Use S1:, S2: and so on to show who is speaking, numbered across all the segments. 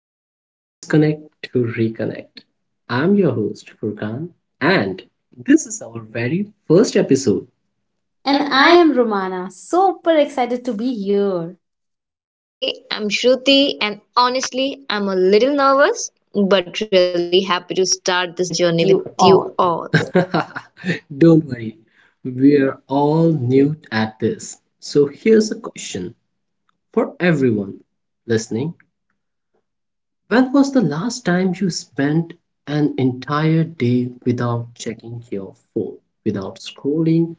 S1: to Disconnect to Reconnect. I'm your host Furkan, and this is our very first episode.
S2: And
S1: And
S2: I
S1: I
S2: am Romana, super excited to be here.
S3: Hey, I'm Shruti, and honestly, I'm a little nervous, but really happy to
S1: am
S3: start
S1: journey
S3: this
S1: with
S3: journey with
S1: you
S3: you
S1: all.
S3: all.
S1: Don't worry, we are all new at this. So here's a question for everyone listening. When was the last time you spent an entire day without checking your phone, without scrolling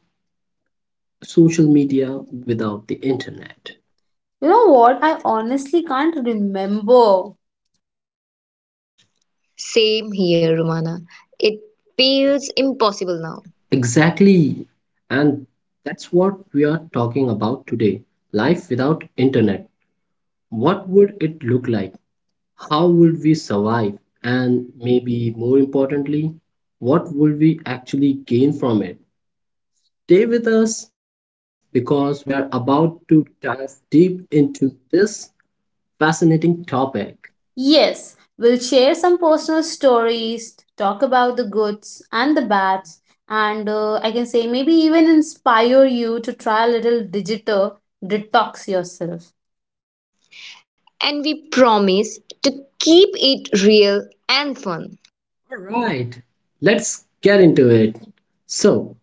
S1: social media, without the internet?
S2: You know what? I honestly can't remember.
S3: Same here, Romana. It feels impossible now,
S1: Exactly. And that's what we are talking about today. Life without internet. What would it look like? How would we survive? And maybe more importantly, what would we actually gain from it? Stay with us because we are about to dive deep into this fascinating topic.
S2: Yes, we'll share some personal stories, talk about the goods and the bads, and I can say maybe even inspire you to try a little digital detox yourself.
S3: and we promise to keep it real and fun.
S1: All right, let's get into it. So,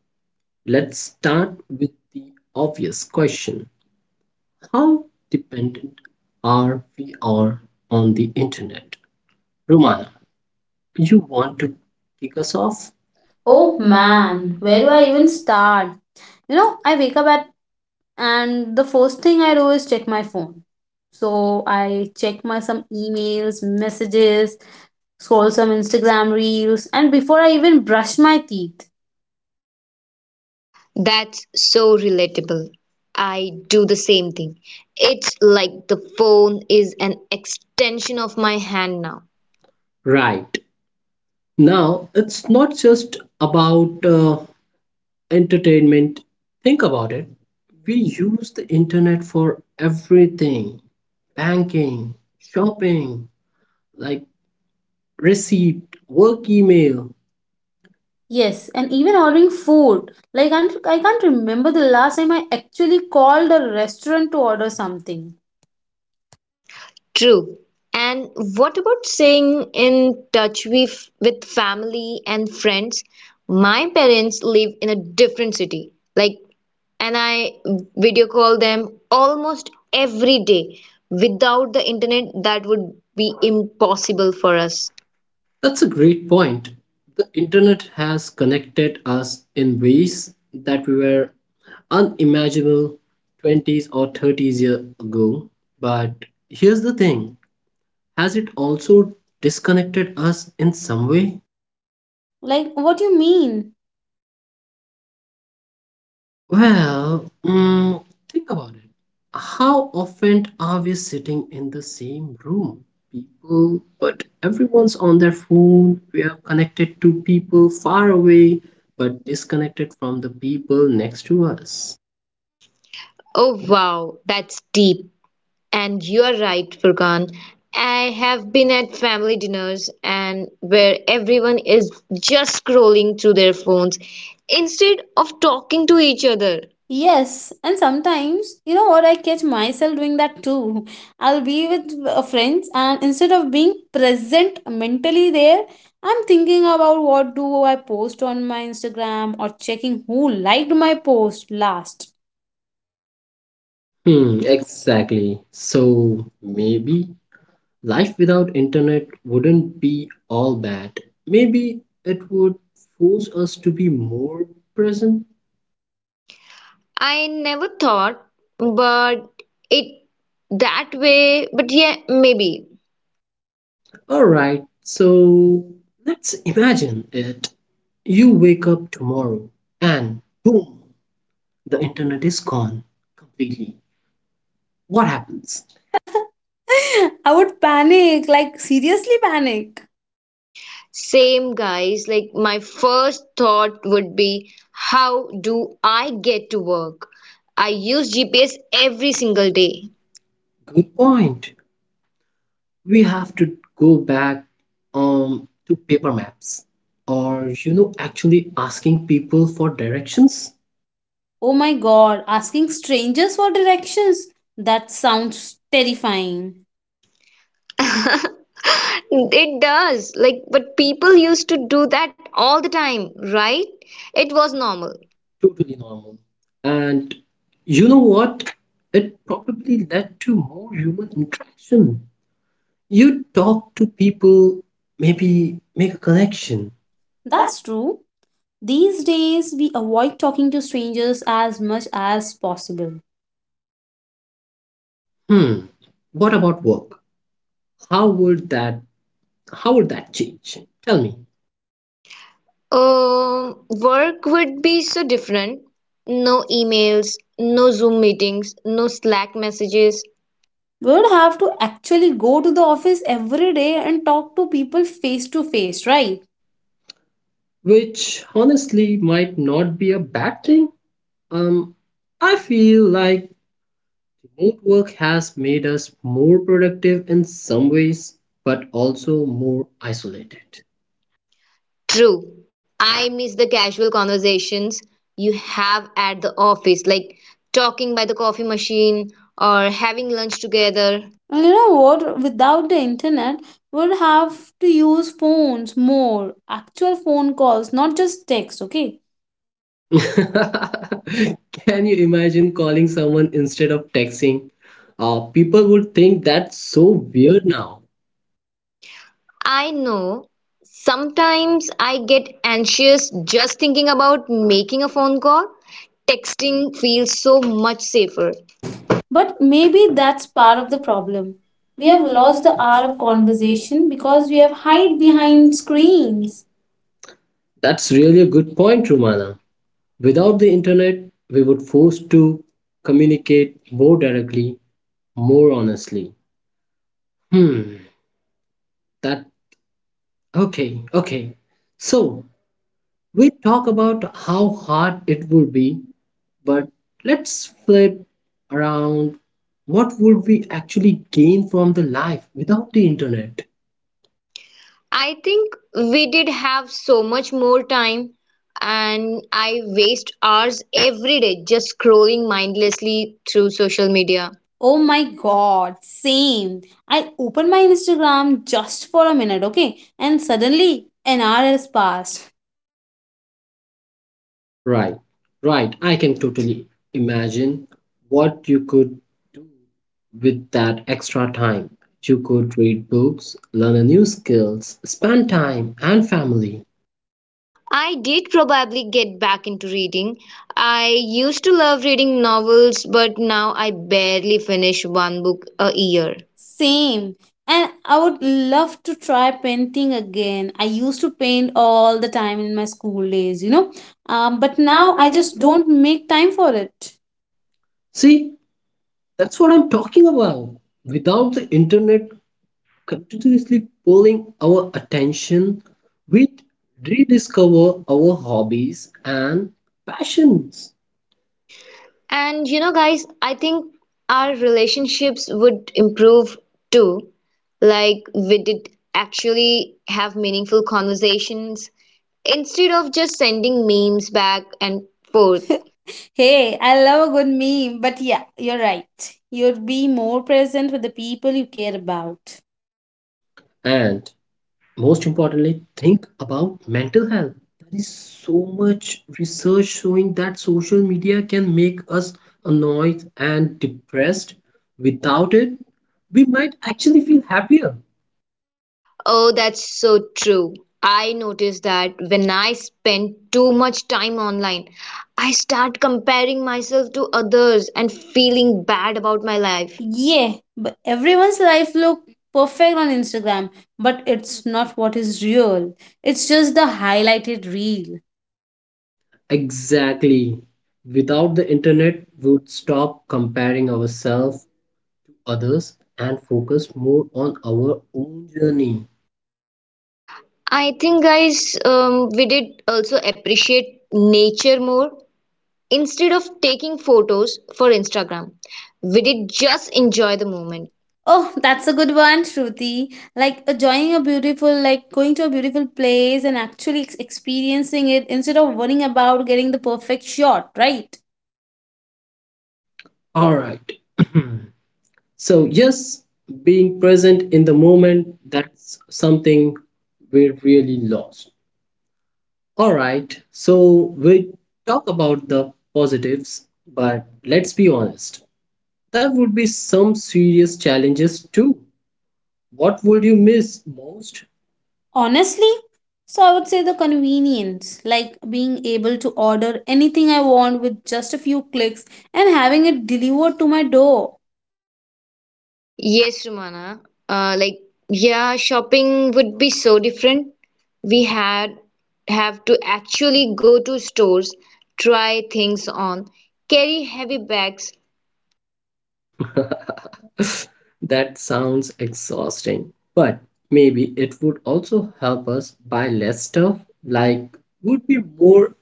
S1: let's start with the obvious question. How dependent are we are on the internet? Romana, you want to kick us off?
S2: Oh
S1: Oh
S2: man,
S1: man,
S2: where
S1: where
S2: do
S1: do
S2: I
S1: I
S2: even
S1: even start?
S2: start? You know, I wake up at and the first thing I do is check my phone. So I check my some emails, messages, scroll some Instagram reels, and before I even brush my teeth.
S3: That's so relatable. I do the same thing. It's like the phone is an extension of my hand now.
S1: Right. Now, it's not just about entertainment. Think about it. We use the internet for everything: banking, shopping, like receipt, work email.
S2: Yes, and even ordering food. Like, I can't remember the last time I actually called a restaurant to order something.
S3: True. And what about staying in touch with family and friends? My parents live in a different city, like, and I video call them almost every day. Without the internet, that would be impossible for us.
S1: That's a great point. The internet has connected us in ways that we were unimaginable 20s or 30s years ago. But here's the thing, has it also disconnected us in some way?
S2: Like, what do you mean?
S1: Well, think about it. How often are we sitting in the same room? People, but everyone's on their phone. We are connected to people far away, but disconnected from the people next to us.
S3: Oh, wow, that's deep. And you're right, Furkan. I have been at family dinners and where everyone is just scrolling through their phones instead of talking to each other.
S2: Yes, and sometimes, you know what, I catch myself doing that too. I'll be with friends, and instead of being present mentally there, I'm thinking about what do I post on my Instagram or checking who liked my post last.
S1: Exactly. So maybe life without internet wouldn't be all bad. Maybe it would force us to be more present.
S3: I never thought, but it that way, but yeah, maybe.
S1: All right, so let's imagine it. You wake up tomorrow and boom, the internet is gone completely. What happens?
S2: I would panic, like seriously panic.
S3: Same guys, like my first thought would be, how do I get to work? I use GPS every single day.
S1: Good point. We have to go back to paper maps, or you know actually asking people for directions.
S2: Oh my god, asking strangers for directions? That sounds terrifying.
S3: It does. Like, but people used to do that all the time, right? It was normal.
S1: Totally normal. And you know what? It probably led to more human interaction. You talk to people, maybe make a connection. That's.
S2: That's true. These days, we avoid talking to strangers as much as possible.
S1: Hmm. What about work? How would that how would that change? Tell me.
S3: Work would be so different. No emails, no Zoom meetings, no Slack messages.
S2: We would have to actually go to the office every day and talk to people face to face, right?
S1: Which honestly might not be a bad thing. Um I feel like remote work has made us more productive in some ways, but also more isolated.
S3: True. I miss the casual conversations you have at the office, like talking by the coffee machine or having lunch together.
S2: And you know what? Without the internet, we would have to use phones more, actual phone calls, not just text, okay?
S1: Can you imagine calling someone instead of texting? People would think that's so weird now.
S3: I know sometimes I get anxious just thinking about making a phone call. Texting feels so much safer.
S2: But
S1: Maybe
S2: maybe that's
S1: that's
S2: part
S1: part
S2: of
S1: of
S2: the
S1: the problem.
S2: problem. We
S1: We
S2: have
S1: have
S2: lost
S1: lost
S2: the
S1: the
S2: hour
S1: hour
S2: of
S1: of
S2: conversation
S1: conversation
S2: because
S1: because
S2: we
S1: we
S2: have
S1: have
S2: hide
S1: hide
S2: behind
S1: behind screens.
S2: screens.
S1: That's really a good point, Rumana. Without the internet, we would forced to communicate more directly, more honestly. Hmm. That okay, okay. So we talk about how hard it would be, but let's flip around. What would we actually gain from the life without the internet?
S3: I think we did have so much more time, and I waste hours every day just scrolling mindlessly through social media.
S2: Oh my god, same. I open my Instagram just for a minute, okay? And suddenly an hour has passed.
S1: Right, right. I can totally imagine what you could do with that extra time. You could read books, learn a new skills, spend time and family.
S3: I did probably get back into reading. I used to love reading novels, but now I barely finish one book a year.
S2: Same. And I would love to try painting again. I used to paint all the time in my school days, you know?
S1: But
S2: But
S1: now
S2: now I
S1: I just
S2: just
S1: don't.
S2: don't make time for it.
S1: See, that's what I'm talking about. Without the internet, continuously pulling our attention, we rediscover our hobbies and passions.
S3: And you know, guys, I think our relationships would improve too. Like, we did actually have meaningful conversations instead of just sending memes back and forth.
S2: Hey, I love a good meme, but yeah, you're right. You'd be more present with the people you care about.
S1: And most importantly, think about mental health. There is so much research showing that social media can make us annoyed and depressed. Without it, we might actually feel happier.
S3: Oh, that's so true. I noticed that when I spend too much time online, I start comparing myself to others and feeling bad about my life.
S2: Yeah, but everyone's life look perfect on Instagram, but it's not what is real. It's just the highlighted reel.
S1: Exactly. Without the internet, we would stop comparing ourselves others and focus more on our own journey.
S3: I think, guys, we did also appreciate nature more. Instead of taking photos for Instagram, we did just enjoy the moment.
S2: Oh, that's a good one, Shruti. Like enjoying a beautiful, like going to a beautiful place and actually experiencing it instead of worrying about getting the perfect shot, right?
S1: All right. So, yes, being present in the moment, that's something we really lost. All right. So, we talk about the positives, but let's be honest. There would be some serious challenges too. What would you miss most?
S2: Honestly, so I would say the convenience, like being able to order anything I want with just a few clicks and having it delivered to my door.
S3: Yes, Romana. Like, yeah, shopping would be so different. We had have to actually go to stores, try things on, carry heavy bags.
S1: That sounds exhausting, but maybe it would also help us buy less stuff, like would be more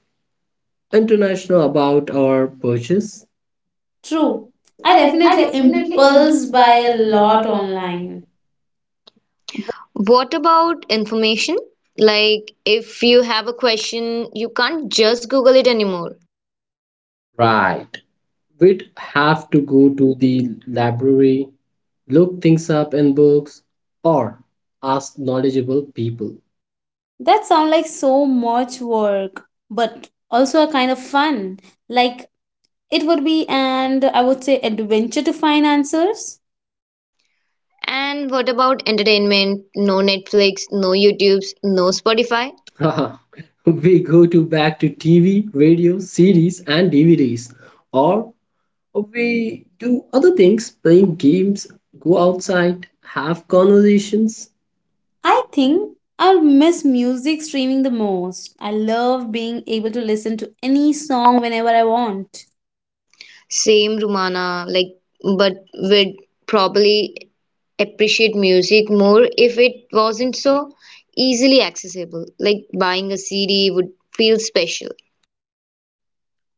S1: international about our purchase.
S2: True.
S1: True.
S2: I
S1: I definitely
S2: definitely impulse
S1: impulse
S2: buy
S1: buy
S2: a
S1: a
S2: lot
S1: lot online.
S2: online.
S3: What about information? Like, if you have a question, you can't just Google it anymore.
S1: Right. We'd have to go to the library, look things up in books, or ask knowledgeable people.
S2: That sounds like so much work, but also a kind of fun. Like it would be and I would say adventure to find answers.
S3: And what about entertainment? No Netflix, no YouTubes,
S1: What if?
S3: no Spotify.
S1: Haha, we go to back to TV, radio, series, and DVDs, or we do other things, playing games, go outside, have conversations.
S2: I
S1: I think.
S2: think I'll miss music streaming the most. I love being able to listen to any song whenever I want.
S3: Same, Rumana, like, but we'd probably appreciate music more if it wasn't so easily accessible. Like, buying a CD would feel special.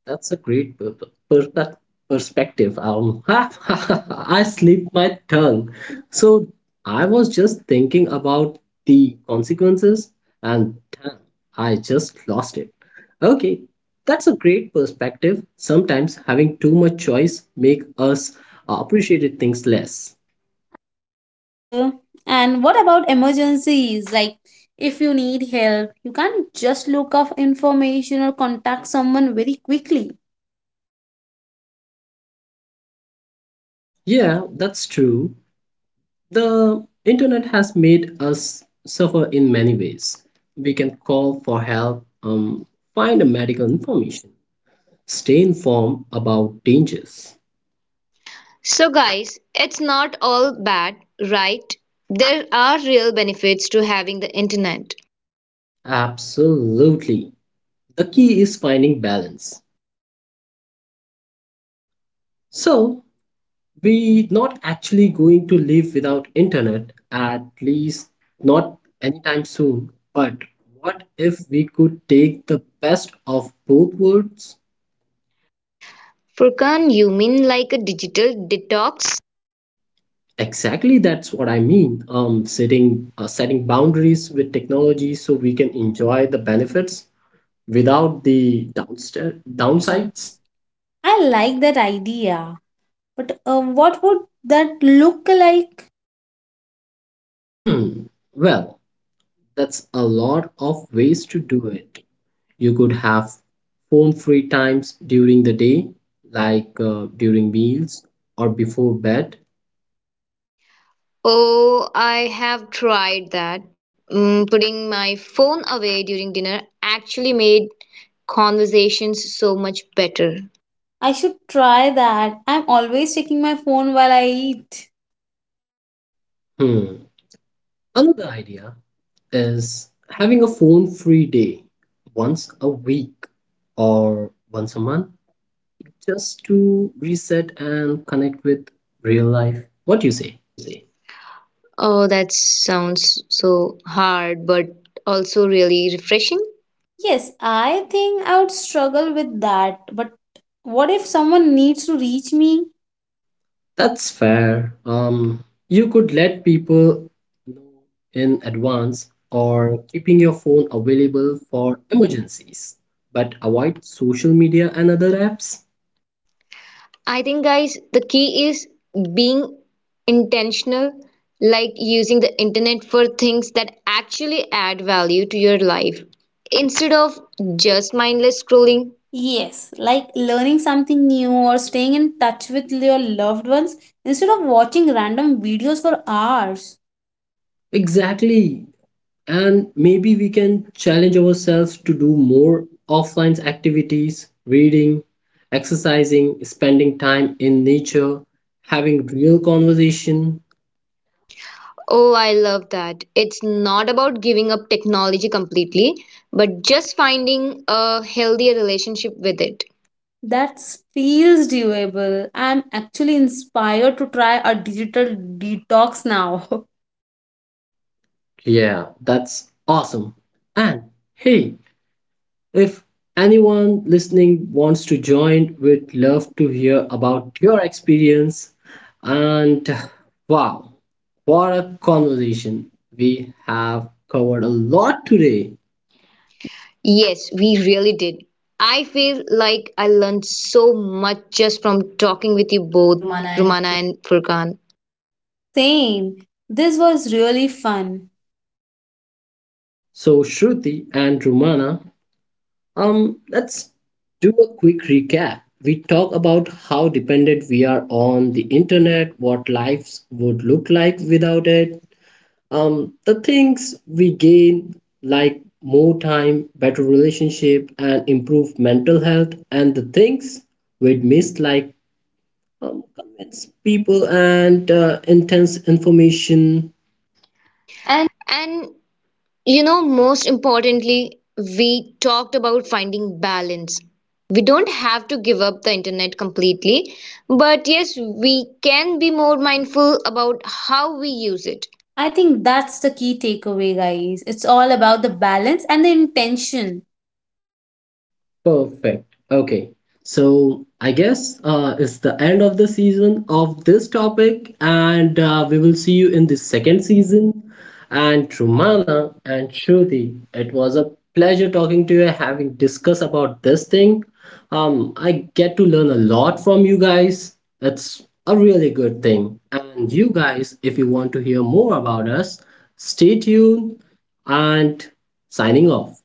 S1: That's a great per- per- perspective. I slip my tongue. So I was just thinking about the consequences, and damn, I just lost it. Okay, that's a great perspective. Sometimes having too much choice make us appreciate things less.
S2: Uh, and what about emergencies? Like, if you need help, you can't just look up information or contact someone very quickly.
S1: Yeah, that's true. The internet has made us suffer in many ways. We can call for help, find medical information, stay informed about dangers.
S3: So, guys, it's not all bad, right? There are real benefits to having the internet.
S1: Absolutely. The key is finding balance. So, we are not actually going to live without internet at least not anytime soon. But what if we could take the best of both worlds?
S3: Furkan, you mean like a digital detox?
S1: Exactly, that's what I mean. Setting boundaries with technology so we can enjoy the benefits without the downsides.
S2: Downsides? I like that idea, but what would that look like?
S1: Hmm. Well, that's a lot of ways to do it. You could have phone-free times during the day, like during meals or before bed.
S3: Oh, I have tried that. Mm, putting my phone away during dinner actually made conversations so much better.
S2: I should try that. I'm always checking my phone while I eat.
S1: Hmm. Another idea is having a phone-free day once a week or once a month just to reset and connect with real life. What do you say?
S3: Oh, that sounds so hard, but also really refreshing.
S2: Yes, I think I would struggle with that. But what if someone needs to reach me?
S1: That's fair. You could let people know in advance or keeping your phone available for emergencies, but avoid social media and other apps.
S3: I think, guys, the key is being intentional, like using the internet for things that actually add value to your life instead of just mindless scrolling.
S2: Yes, like learning something new or staying in touch with your loved ones instead of watching random videos for hours.
S1: Exactly. And maybe we can challenge ourselves to do more offline activities: reading, exercising, spending time in nature, having real conversation.
S3: Oh, I love that. It's not about giving up technology completely, but just finding a healthier relationship with it.
S2: That feels doable. I'm actually inspired to try a digital detox now.
S1: Yeah, that's awesome. And hey, if anyone listening wants to join, we'd love to hear about your experience. And wow, what a conversation! We have covered a lot today.
S3: Yes, we really did. I feel like I learned so much just from talking with you both, Romana and Furkan.
S2: Same. This was really fun.
S1: So, Shruti and Rumana, let's do a quick recap. We talk about how dependent we are on the internet, what lives would look like without it, the things we gain, like more time, better relationship, and improved mental health, and the things we'd miss, like convince people and intense information.
S3: And you know, most importantly, we talked about finding balance. We don't have to give up the internet completely, but yes, we can be more mindful about how we use it.
S2: I think that's the key takeaway, guys. It's all about the balance and the intention.
S1: Perfect. Okay. So I guess it's the end of the season of this topic, and we will see you in the second season. And Trumana and Shruti, it was a pleasure talking to you, having discussed about this thing. I get to learn a lot from you guys. It's a really good thing. And you guys, if you want to hear more about us, stay tuned and signing off.